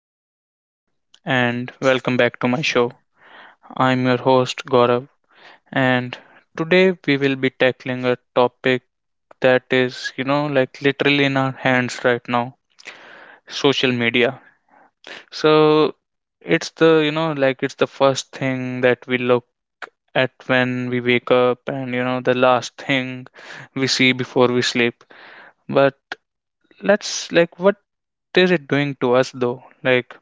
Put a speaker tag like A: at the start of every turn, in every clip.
A: Hello, everyone, and welcome back to my show. I'm your host, Gaurav, and today we will be tackling a topic that is, like, literally in our hands right now: social media. So it's the, it's the first thing that we look at when we wake up, and, the last thing we see before we sleep. But like, what is it doing to us though? Like,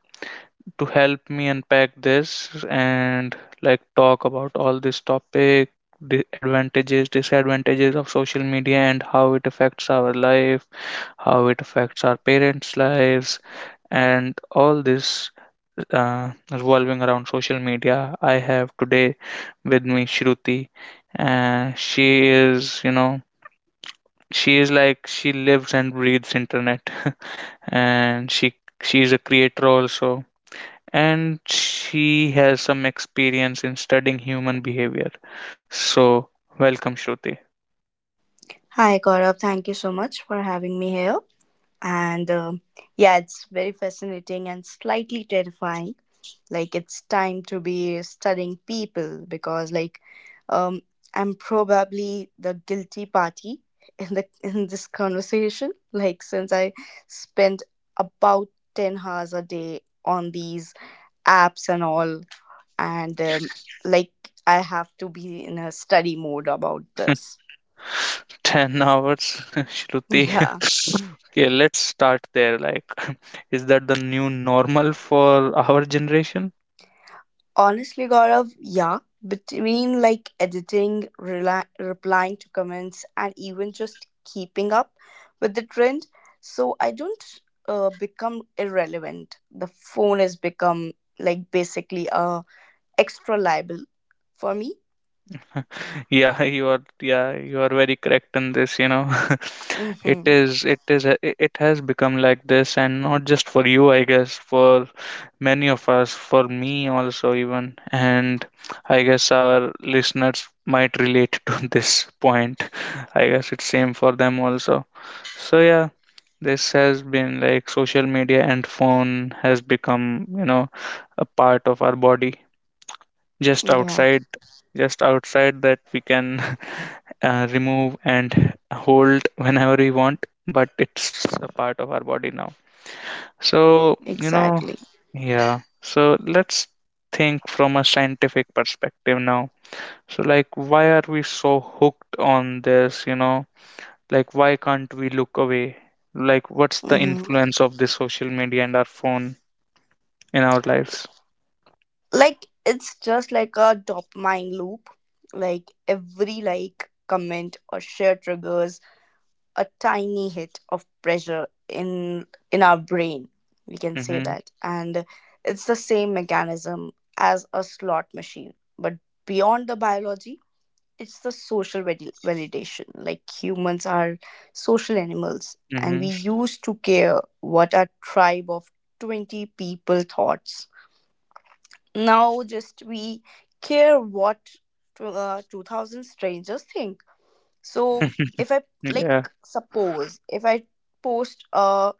A: to help me unpack this and like talk about all this topic, the advantages, disadvantages of social media and how it affects our life, how it affects our parents' lives, and all this revolving around social media. I have today with me Shruti, and she is like, she lives and breathes internet, and she is a creator also, and she has some experience in studying human behavior. So, welcome, Shruti.
B: Hi, Gaurav. Thank you so much for having me here. And yeah, it's very fascinating and slightly terrifying. Like it's time to be studying people because, um, I'm probably the guilty party in this conversation. Like, since I spend about 10 hours a day on these apps and all, and like I have to be in a study mode about this.
A: 10 hours, Shruti.
B: Yeah.
A: Okay, let's start there. Like, is that the new normal for our generation?
B: Honestly, Gaurav, yeah. Between like editing, rela replying to comments, and even just keeping up with the trend, so I don't become irrelevant. The phone has become like basically a extra liable for me.
A: Yeah, you are, you are very correct in this.
B: Mm-hmm.
A: It has become like this, and not just for you, I guess, for many of us, for me also, even. And I guess our listeners might relate to this point. I guess it's same for them also. So yeah, this has been like, social media and phone has become, a part of our body, just
B: Yeah,
A: outside. Just outside that we can remove and hold whenever we want, but it's a part of our body now, so,
B: exactly.
A: yeah. So let's think from a scientific perspective now. So, like, why are we so hooked on this? You know, like, why can't we look away? Like, what's the
B: Mm-hmm.
A: influence of this social media and our phone in our lives?
B: Like it's just like a dopamine loop. Like every like comment or share triggers a tiny hit of pressure in our brain, we can say
A: Mm-hmm.
B: that. And it's the same mechanism as a slot machine, but beyond the biology, it's the social validation. Like humans are social animals and we
A: Mm-hmm.
B: used to care what our tribe of 20 people thoughts. Now just we care what 2000 strangers think. So if I like,
A: Yeah.
B: suppose if I post a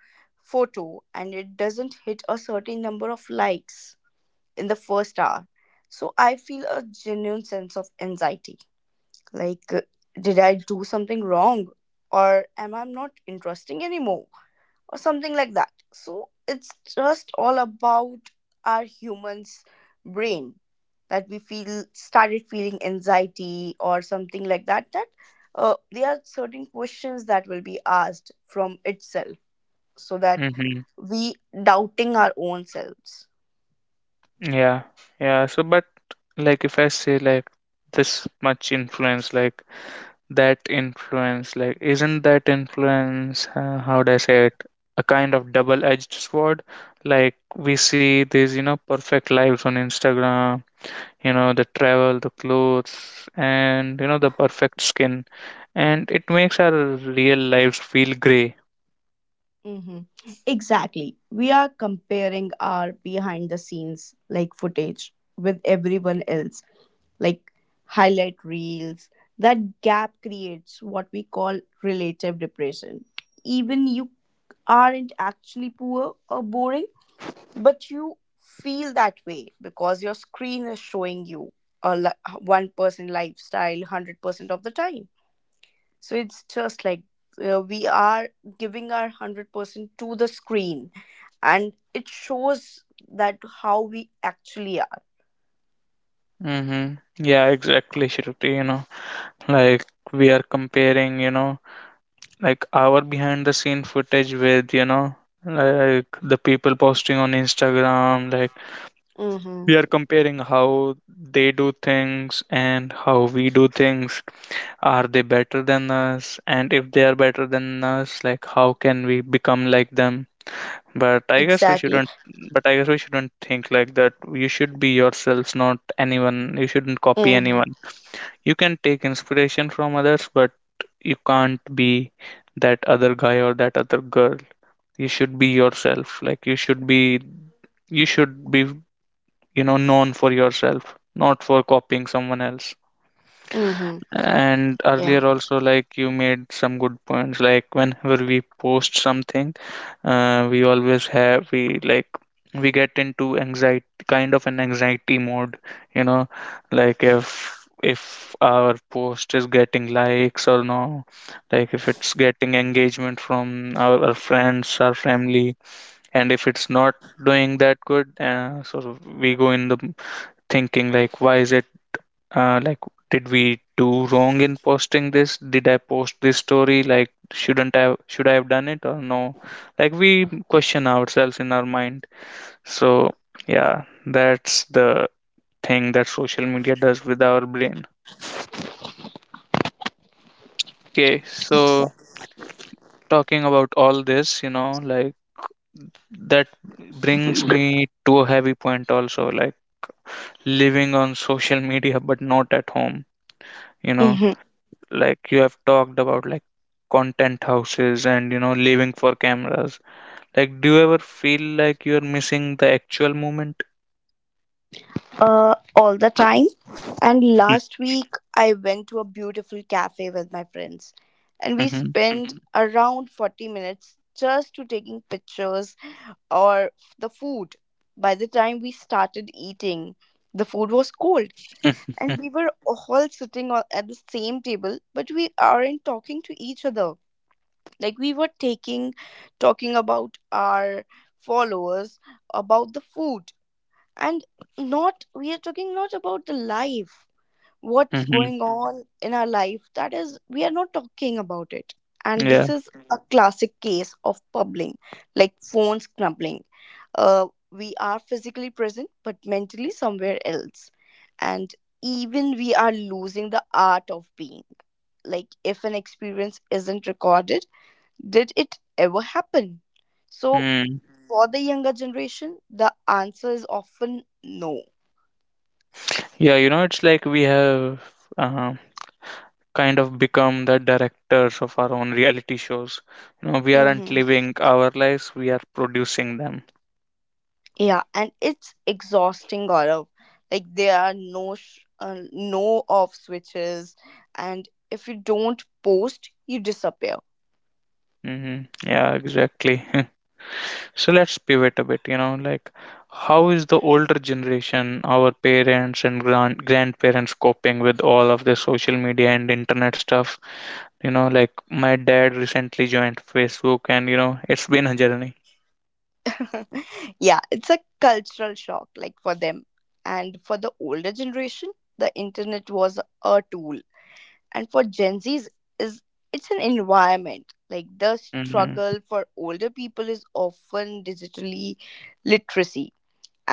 B: photo and it doesn't hit a certain number of likes in the first hour, so I feel a genuine sense of anxiety. Like did I do something wrong or am I not interesting anymore, or something like that? So it's just all about our human's brain, that we feel started feeling anxiety or something like that. That there are certain questions that will be asked from itself, so that
A: Mm-hmm.
B: we doubting our own selves.
A: Yeah. Yeah. So, but like, if I say like this much influence, like, isn't that influence how do I say it, a kind of double-edged sword? Like, we see these, perfect lives on Instagram, the travel, the clothes, and, the perfect skin, and it makes our real lives feel gray.
B: Hmm Exactly. We are comparing our behind the scenes like footage with everyone else like highlight reels. That gap creates what we call relative depression. Even you aren't actually poor or boring, but you feel that way because your screen is showing you a one person lifestyle 100% of the time. So it's just like we are giving our 100% to the screen and it shows that how we actually are.
A: Mm-hmm. Yeah, exactly, Shruti. You know, like, we are comparing, like, our behind the scene footage with, like, the people posting on Instagram. Like,
B: Mm-hmm.
A: we are comparing how they do things and how we do things. Are they better than us? And if they are better than us, like, how can we become like them? But I guess we
B: Exactly.
A: shouldn't. But I guess we shouldn't think like that. You should be yourselves, not anyone. You shouldn't copy
B: Mm-hmm.
A: anyone. You can take inspiration from others, but you can't be that other guy or that other girl. You should be yourself. Like, you should be. You should be, you know, known for yourself, not for copying someone else.
B: Mm-hmm.
A: And
B: Yeah.
A: earlier also, like, you made some good points. Like, whenever we post something, we always have, we like, we get into anxiety, kind of an anxiety mode, you know, like, if our post is getting likes or no, like, if it's getting engagement from our friends, our family. And if it's not doing that good, so we go in the thinking like, why is it, like, did we do wrong in posting this? Did I post this story? Like, shouldn't I, should I have done it or no? Like, we question ourselves in our mind. So yeah, that's the thing that social media does with our brain. Okay, so talking about all this, you know, like, that brings me to a heavy point also. Like, living on social media but not at home, you know,
B: Mm-hmm.
A: like, you have talked about like content houses and, you know, living for cameras. Like, do you ever feel like you're missing the actual moment?
B: All the time. And last week, I went to a beautiful cafe with my friends, and we
A: Mhm.
B: spent, Mhm, around 40 minutes just to taking pictures or the food. By the time we started eating, the food was cold,
A: Mhm.
B: and we were all at the same table, but we aren't talking to each other. Like we were talking about our followers, about the food, and not we are talking not about the life, what's going, Mhm, on in our life, that is we are not talking about it. And
A: Yeah.
B: this is a, Mhm, classic case of pubbling, like phone scrubbing. We are physically present but mentally somewhere else, and even we are losing the art of being. Like if an experience isn't recorded, did it ever happen? So,
A: Mm.
B: for the younger generation, the answer is often no.
A: Yeah, you know, it's like we have, uh, kind of become the directors of our own reality shows, you know. We aren't
B: Mm-hmm.
A: living our lives, we are producing them.
B: Yeah, and it's exhausting, Gaurav. Like there are no off switches, and if you don't post, you disappear.
A: Hmm. Yeah, exactly. So let's pivot a bit, you know, like, how is the older generation, our parents and grand grandparents, coping with all of the social media and internet stuff? You know, like, my dad recently joined Facebook, and you know, it's been a journey.
B: yeah, it's a cultural shock, like for them, and for the older generation, the internet was a tool. And for gen z's is it's an environment. Like the
A: Hmm.
B: struggle for older people is often digitally literacy,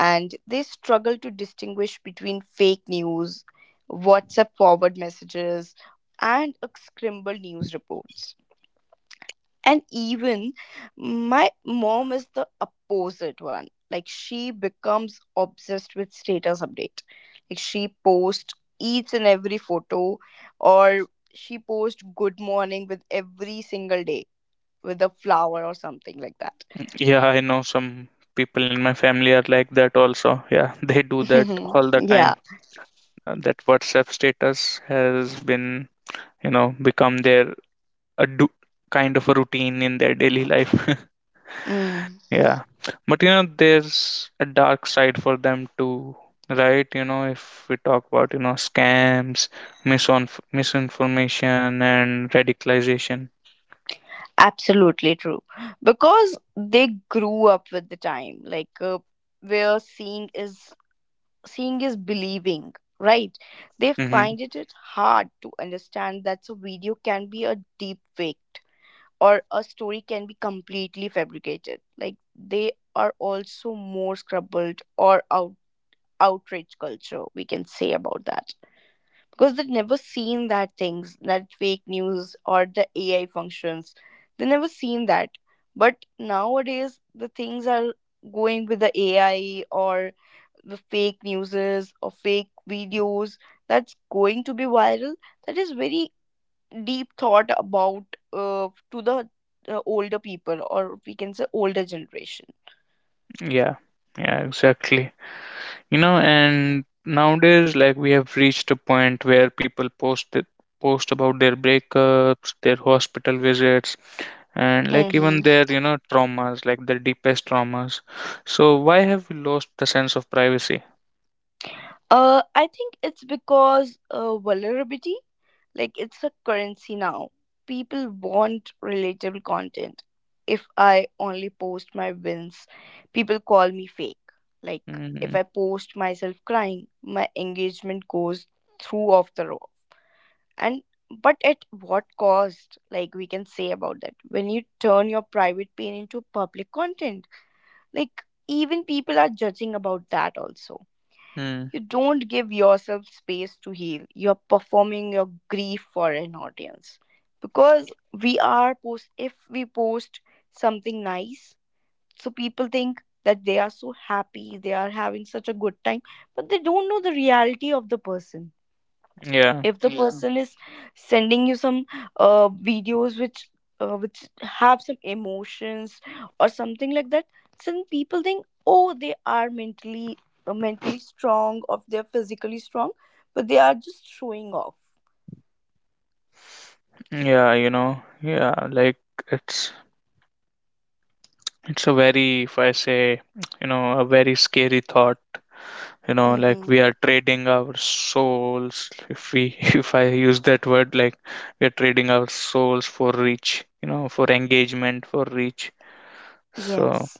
B: and they struggle to distinguish between fake news, WhatsApp forward messages, and a scribbled news reports. And even my mom is the opposite one, like she becomes obsessed with status update. Like she posts each and every photo, or she posts good morning with every single day with a flower or something like that.
A: Yeah, I know some people in my family are like that also. Yeah, they do that
B: Mhm.
A: all the
B: Yeah.
A: time. That WhatsApp status has been, you know, become their a do, kind of a routine in their daily life.
B: Mm.
A: Yeah. But you know, there's a dark side for them too, right? You know, if we talk about, you know, scams, misinf misinformation, and radicalization.
B: Absolutely true. Because they grew up with the time, like where seeing is believing, right? They
A: Mm-hmm.
B: find it hard to understand that a video can be a deep faked, or a story can be completely fabricated. Like they are also more scrubbed or outrage culture, we can say about that, because they've never seen that things, that fake news or the AI functions, they never seen that. But nowadays the things are going with the AI or the fake newses or fake videos, that's going to be viral. That is very deep thought about to the older people, or we can say older generation.
A: Yeah. Yeah, exactly. You know, and nowadays, like, we have reached a point where people post it, post about their breakups, their hospital visits, and like, even their, you know, traumas, like their deepest traumas. So why have we lost the sense of privacy?
B: I think it's because vulnerability, like it's a currency now. People want relatable content. If I only post my wins, people call me fake. Like if
A: Mm-hmm.
B: I post myself crying, my engagement goes through off the roof. And but at what cost? Like we can say about that, when you turn your private pain into public content. Like, even people are judging about that also.
A: Hmm.
B: You don't give yourself space to heal. You're performing your grief for an audience. Because we are post if we post something nice, so people think that they are so happy, they are having such a good time, but they don't know the reality of the person.
A: Yeah,
B: If the, yeah, person is sending you some videos which have some emotions or something like that, some people think oh, they are mentally mentally strong, or they're physically strong, but they are just showing off.
A: yeah, you know, yeah, like, it's it's a very, if I say, you know, a very scary thought. You know, like,
B: Mm-hmm.
A: we are trading our souls, if we, if I use that word, like, we are trading our souls for reach, you know, for engagement, for reach. So,
B: Yes.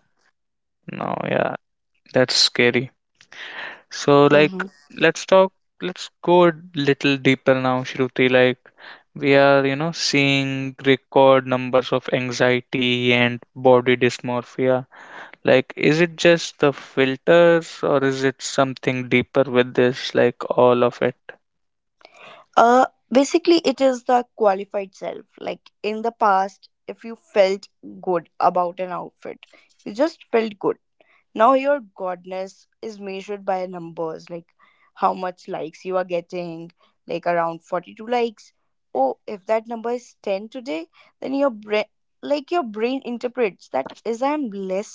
A: no, yeah, that's scary. So like,
B: mm-hmm.
A: let's talk let's go a little deeper now, Shruti. Like, we are, you know, seeing record numbers of anxiety and body dysmorphia. Like, is it just the filters, or is it something deeper with this, like all of it?
B: Uh, basically it is the qualified self. Like in the past if you felt good about an outfit, you just felt good. Now your godness is measured by numbers, like how much likes you are getting, like around 42 likes. Oh, if that number is 10 today, then your brain interprets that is I'm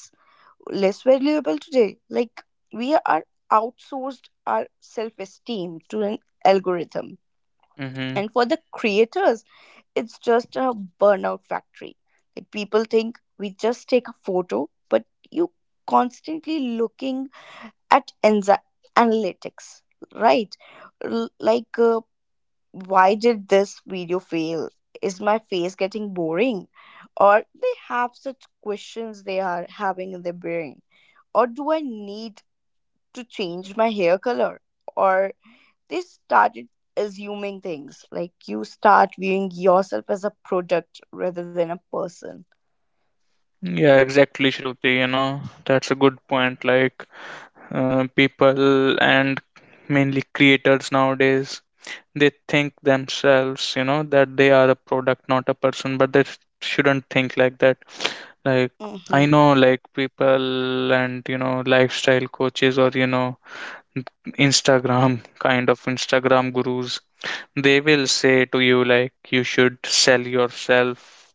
B: less valuable today. Like we are outsourced our self-esteem to an algorithm.
A: Mm-hmm.
B: And for the creators, it's just a burnout factory. Like people think we just take a photo, but you constantly looking at Enza analytics, right? L- like, uh, why did this video fail? Is my face getting boring? Or they have such questions they are having in their brain. Or do I need to change my hair color? Or they started assuming things, like you start viewing yourself as a product rather than a person.
A: Yeah, exactly, Shruti. You know, that's a good point. Like, people and mainly creators nowadays, they think themselves, you know, that they are a product, not a person. But they sh- shouldn't think like that. Like,
B: Mm-hmm.
A: I know, like, people and, you know, lifestyle coaches, or, you know, Instagram, kind of Instagram gurus, they will say to you, like, you should sell yourself.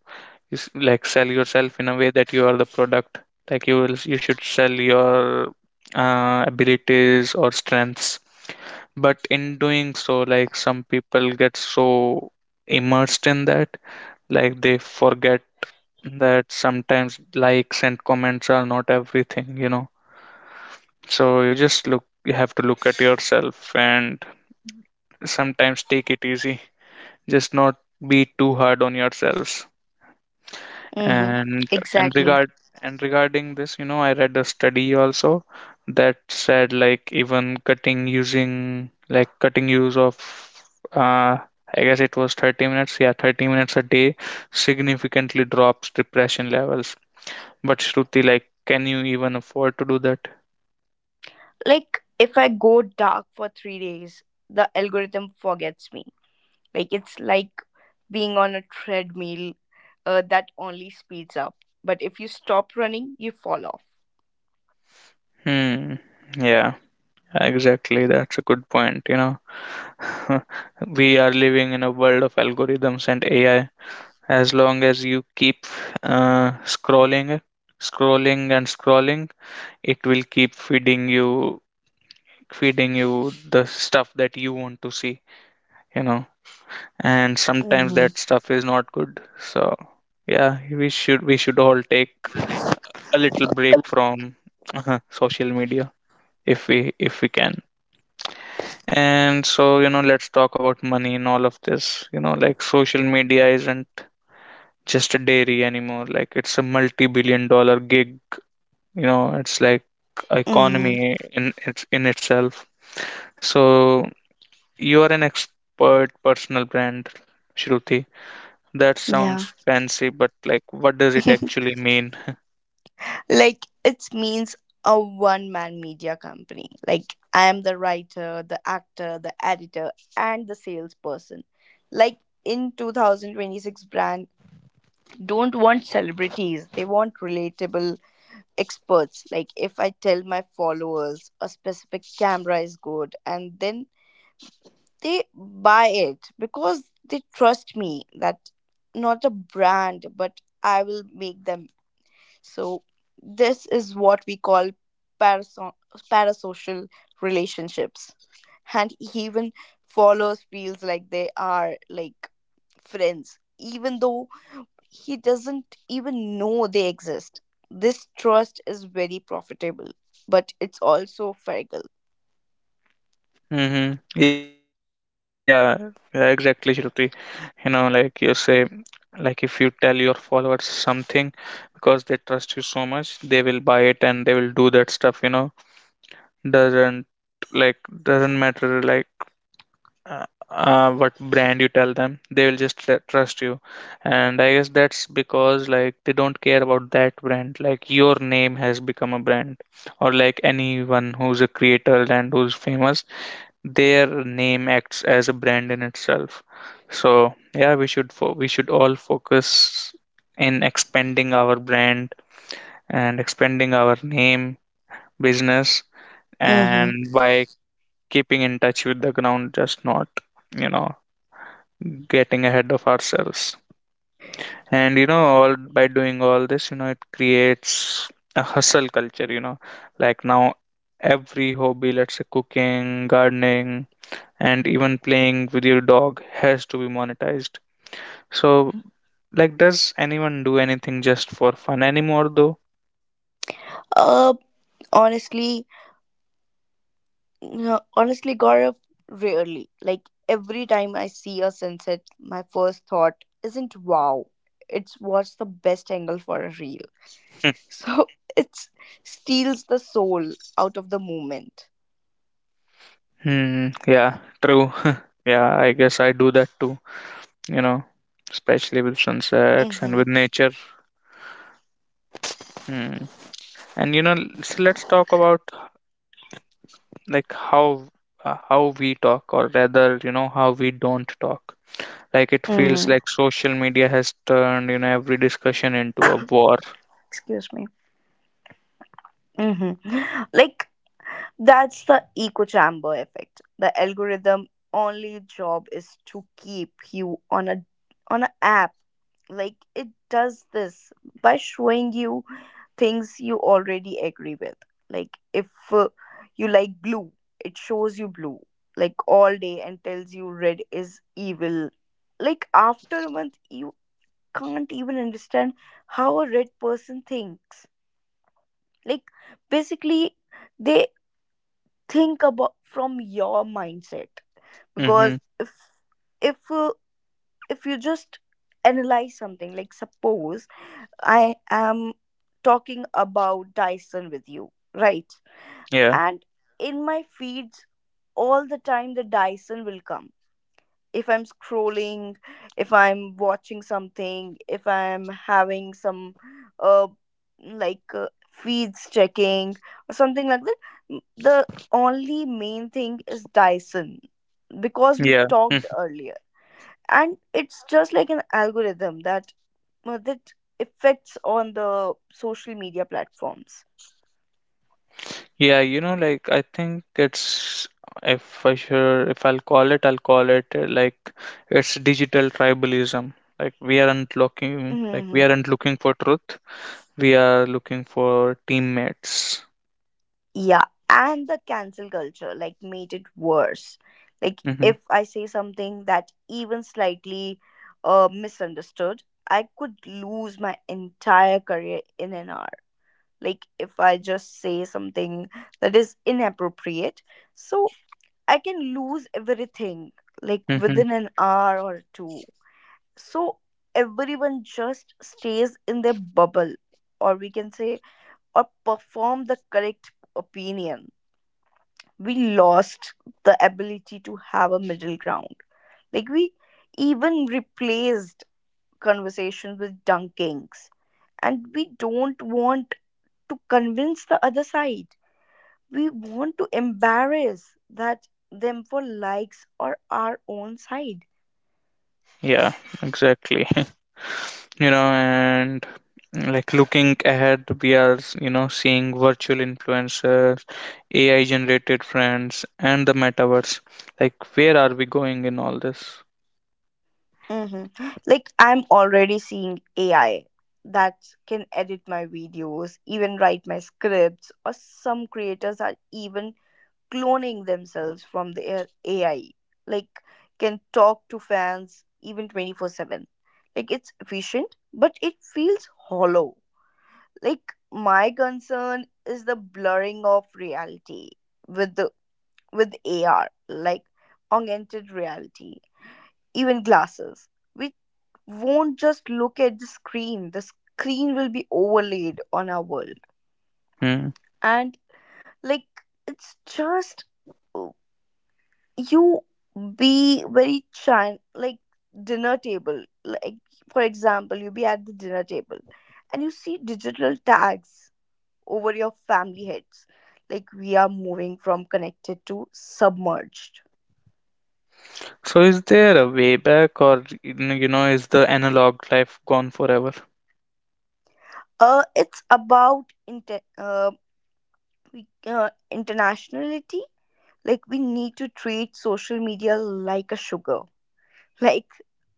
A: You, like, sell yourself in a way that you are the product. Like, you will, you should sell your abilities or strengths. But in doing so, like, some people get so immersed in that, like, they forget that sometimes likes and comments are not everything, you know. So you just look, you have to look at yourself and sometimes take it easy. Just not be too hard on yourselves.
B: Mm-hmm.
A: and and
B: Exactly.
A: regard and regarding this, you know, I read a study also that said, like, even cutting, using, like, cutting use of uh I guess it was 30 minutes, yeah, 30 minutes a day significantly drops depression levels. But Shruti, like, can you even afford to do that?
B: Like if I go dark for 3 days, the algorithm forgets me. Like it's like being on a treadmill that only speeds up. But if you stop running, you fall off.
A: Hmm. Yeah, exactly, that's a good point, you know. We are living in a world of algorithms and AI. As long as you keep scrolling, scrolling and scrolling, it will keep feeding you, feeding you the stuff that you want to see, you know. And sometimes
B: Mm,
A: that stuff is not good, so yeah, we should, we should all take a little break from social media, if we, if we can. And so, you know, let's talk about money in all of this, you know. Like, social media isn't just a dairy anymore. Like, it's a multi-billion dollar gig, you know. It's like
B: Mm,
A: economy in its, in itself. So you are an expert personal brand, Shruti. That
B: yeah.
A: sounds fancy, but like, what does it actually mean?
B: like it means a one man media company. Like I am the writer, the actor, the editor, and the salesperson. Like in 2026 brand don't want celebrities, they want relatable experts. Like if I tell my followers a specific camera is good, and then they buy it because they trust me, that not a brand but I will make them. So this is what we call paraso- parasocial relationships. And even followers feels like they are like friends, even though he doesn't even know they exist. This trust is very profitable, but it's also fragile.
A: Mm-hmm. Yeah. Yeah, exactly, Shruti. You know, like, you say, like, if you tell your followers something, because they trust you so much, they will buy it and they will do that stuff, you know. Doesn't, like, doesn't matter, like, uh, what brand you tell them, they will just tr- trust you. And I guess that's because, like, they don't care about that brand. Like, your name has become a brand, or like, anyone who's a creator and who's famous, their name acts as a brand in itself. So yeah, we should fo- we should all focus in expanding our brand and expanding our name, business,
B: Mm-hmm.
A: and by keeping in touch with the ground, just not, you know, getting ahead of ourselves. And you know, all by doing all this, you know, it creates a hustle culture, you know, like, now every hobby, let's say cooking, gardening, and even playing with your dog, has to be monetized. So, like, does anyone do anything just for fun anymore, though?
B: Uh, honestly, no, honestly, Gaurav, rarely. Like every time I see a sunset, my first thought isn't wow. It's what's the best angle for a reel. So it steals the soul out of the moment.
A: Hmm, yeah, true. Yeah, I guess I do that too, you know, especially with sunsets and
B: Mm-hmm.
A: with nature. Hmm. And you know, so let's talk about, like, how we talk, or rather, you know, how we don't talk. Like, it
B: Mm-hmm.
A: feels like social media has turned, you know, every discussion into a war.
B: Excuse me. Mm-hmm. Like that's the echo chamber effect. The algorithm only job is to keep you on a on an app. Like it does this by showing you things you already agree with. Like if you like blue, it shows you blue like all day and tells you red is evil. Like after a month you can't even understand how a red person thinks. Like basically they think about from your mindset,
A: Mm-hmm.
B: because if if you just analyze something, like suppose I am talking about Dyson with you, right?
A: Yeah.
B: And in my feeds all the time the Dyson will come, if I'm scrolling, if I'm watching something, if I'm having some uh feeds checking or something like that, the only main thing is Dyson, because we
A: Yeah. Mm.
B: talked earlier. And it's just like an algorithm that uh, that affects on the social media platforms.
A: Yeah, you know, like, I think it's, if I sure, if I'll call it, I'll call it like, it's digital tribalism. Like, we aren't looking like,
B: Hmm
A: we aren't looking for truth, we are looking for teammates.
B: Yeah, and the cancel culture like made it worse. Like
A: Mm-hmm.
B: if I say something that even slightly misunderstood, I could lose my entire career in an hour. Like if I just say something that is inappropriate, so I can lose everything like
A: Mm-hmm.
B: within an hour or two. So everyone just stays in their bubble, or we can say or perform the correct opinion. We lost the ability to have a middle ground. Like we even replaced conversations with dunkings. And we don't want to convince the other side. We want to embarrass that them for likes or our own side.
A: Yeah, exactly. You know, and like, looking ahead, we are, you know, seeing virtual influencers, AI generated friends, and the metaverse. Like, where are we going in all this?
B: Hmm Like I'm already seeing AI that can edit my videos, even write my scripts, or some creators are even cloning themselves from their AI, like can talk to fans even 24/7. Like it's efficient, but it feels hollow. Like my concern is the blurring of reality with the with AR, like augmented reality, even glasses. We won't just look at the screen. The screen will be overlaid on our world.
A: Hmm.
B: And like it's just oh, you be very chan like dinner table like for example, you be at the dinner table and you see digital tags over your family heads. Like we are moving from connected to submerged.
A: So is there a way back, or, you know, is the analog life gone forever?
B: It's about internationality. Like we need to treat social media like a sugar. Like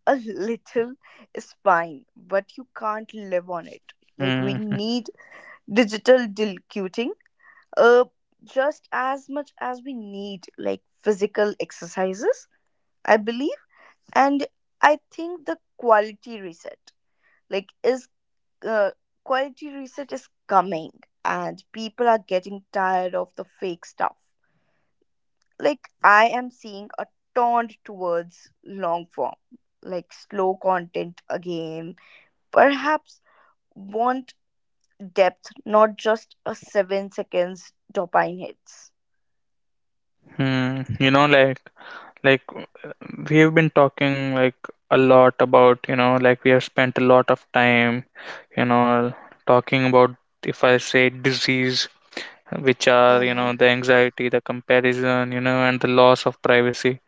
B: a little is fine, but you can't live on it. Like we
A: Hmm.
B: need digital dilcuting, uh, just as much as we need like physical exercises, I believe. And I think the quality reset like is uh, quality reset is coming, and people are getting tired of the fake stuff. Like I am seeing a turn towards long form, like slow content again, perhaps. Want depth, not just a 7 seconds dopamine hits.
A: Hmm. You know, like we have been talking, like, a lot about, you know, like, we have spent a lot of time, you know, talking about, if I say, disease, which are, you
B: Hmm.
A: know, the anxiety, the comparison, you know, and the loss of privacy.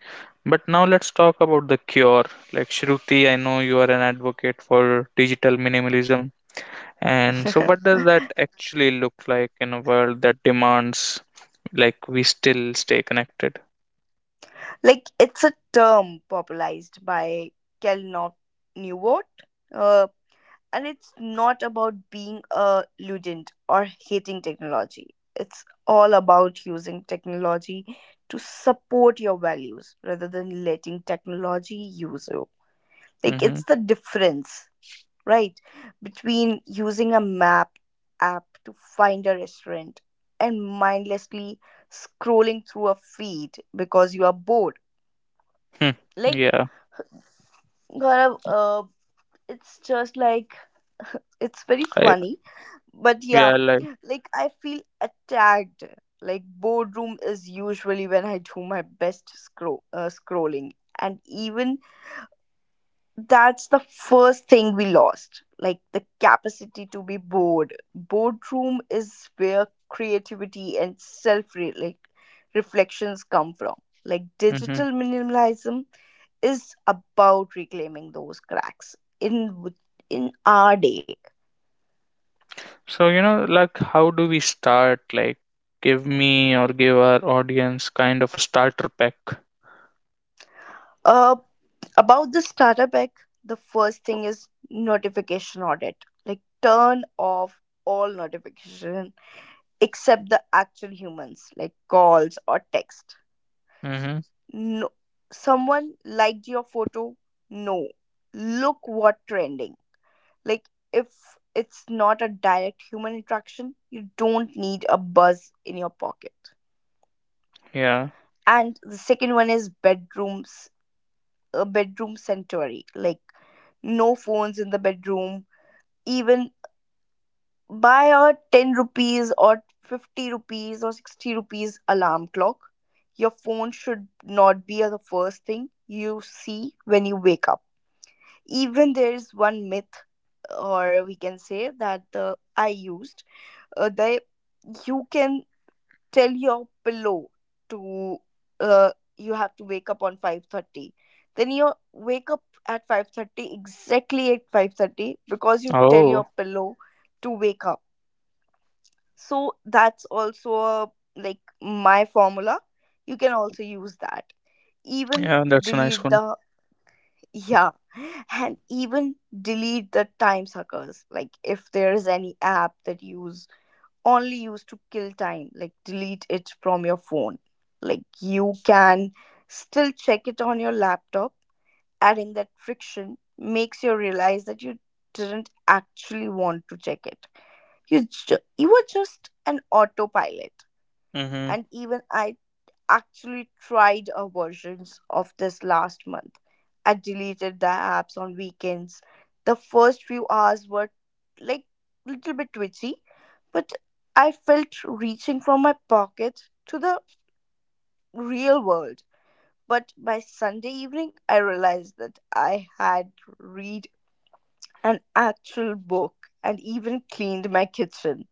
A: But now let's talk about the cure. Like, Shruti, I know you are an advocate for digital minimalism. And so, what does that actually look like in a world that demands, like, we still stay connected?
B: Like it's a term popularized by Kelnov Newort, uh, and it's not about being a ludent or hating technology. It's all about using technology to support your values rather than letting technology use you. Like
A: Mm-hmm.
B: it's the difference, right? Between using a map app to find a restaurant and mindlessly scrolling through a feed because you are bored.
A: Hmm.
B: Like,
A: Yeah,
B: Gaurav, it's just like, it's very
A: I,
B: funny. But yeah,
A: yeah, like,
B: like, I feel attacked. Like, boredom is usually when I do my best scrolling. And even that's the first thing we lost, like the capacity to be bored. Boardroom is where creativity and self, like, reflections come from. Like
A: hmm.
B: digital minimalism is about reclaiming those cracks in our day.
A: So, you know, like, how do we start? Like, give me or give our audience kind of a starter pack.
B: uh about the starter pack, the first thing is notification audit. Like turn off all notification except the actual humans, like calls or text.
A: Mm-hmm.
B: No, someone liked your photo. No, look what trending. Like if it's not a direct human interaction, you don't need a buzz in your pocket.
A: Yeah.
B: And the second one is bedrooms, a bedroom sanctuary. Like no phones in the bedroom. Even buy a 10 rupees or 50 rupees or 60 rupees alarm clock. Your phone should not be the first thing you see when you wake up. Even there is one myth, or we can say that I used, they you can tell your pillow to, uh, you have to wake up on 5:30, then you wake up at 5:30, exactly at 5:30, because you tell your
A: Oh.
B: pillow to wake up. So that's also, like my formula, you can also use that. Even
A: Yeah, that's a nice
B: delete
A: one.
B: the yeah, and even delete the time suckers. Like if there is any app that use only used to kill time, like delete it from your phone. Like you can still check it on your laptop. Adding that friction makes you realize that you didn't actually want to check it. You were just an autopilot.
A: Hmm.
B: And even I actually tried a versions of this last month. I deleted the apps on weekends. The first few hours were like a little bit twitchy, but I felt reaching from my pocket to the real world. But by Sunday evening, I realized that I had read an actual book and even cleaned my kitchen.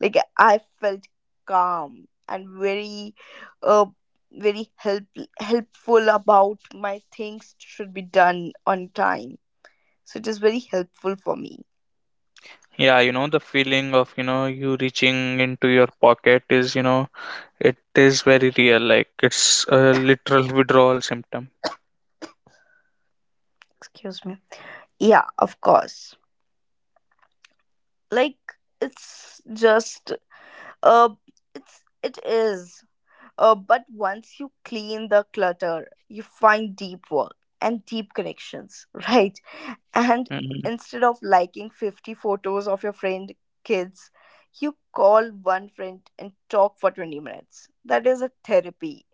B: Like I felt calm and very, uh, very helpful about my things should be done on time. So it is very helpful for me.
A: Yeah, you know, the feeling of, you know, you reaching into your pocket is, you know, it is very real. Like, it's a literal withdrawal symptom.
B: Excuse me. Yeah, of course. Like it's just uh it's it is But once you clean the clutter, you find deep work and deep connections. Right? And
A: Mm-hmm.
B: instead of liking 50 photos of your friend kids, you call one friend and talk for 20 minutes. That is a therapy.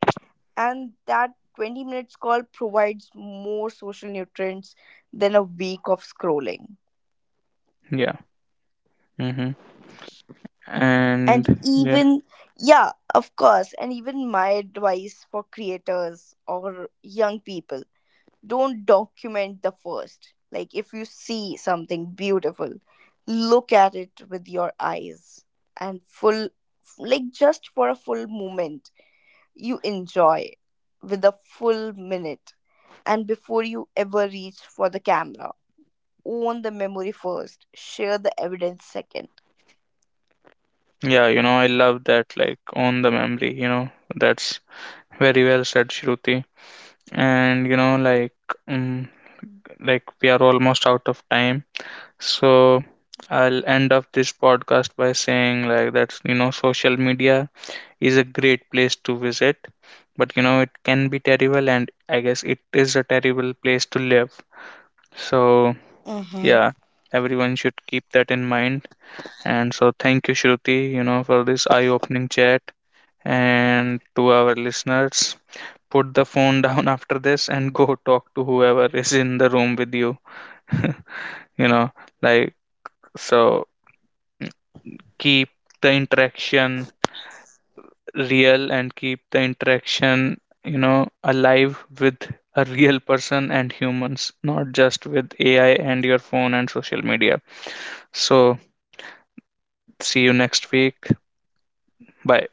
B: And that 20 minutes call provides more social nutrients than a week of scrolling.
A: Yeah. Mm-hmm.
B: And
A: And yeah,
B: even, yeah, of course, and even my advice for creators or young people, don't document the first. Like if you see something beautiful, look at it with your eyes and full, like just for a full moment, you enjoy with a full minute. And before you ever reach for the camera, own the memory first, share the evidence second.
A: yeah, you know, I love that, like, on the memory, you know, that's very well said, Shruti. And, you know, um, like we are almost out of time, so I'll end up this podcast by saying, like, that you know, social media is a great place to visit, but you know, it can be terrible, and I guess it is a terrible place to live. So,
B: Mhm.
A: yeah, everyone should keep that in mind. And so, thank you, Shruti, you know, for this eye opening chat. And to our listeners, put the phone down after this and go talk to whoever is in the room with you. You know, like, so keep the interaction real, and keep the interaction, you know, alive with a real person and humans, not just with AI and your phone and social media. So see you next week. Bye.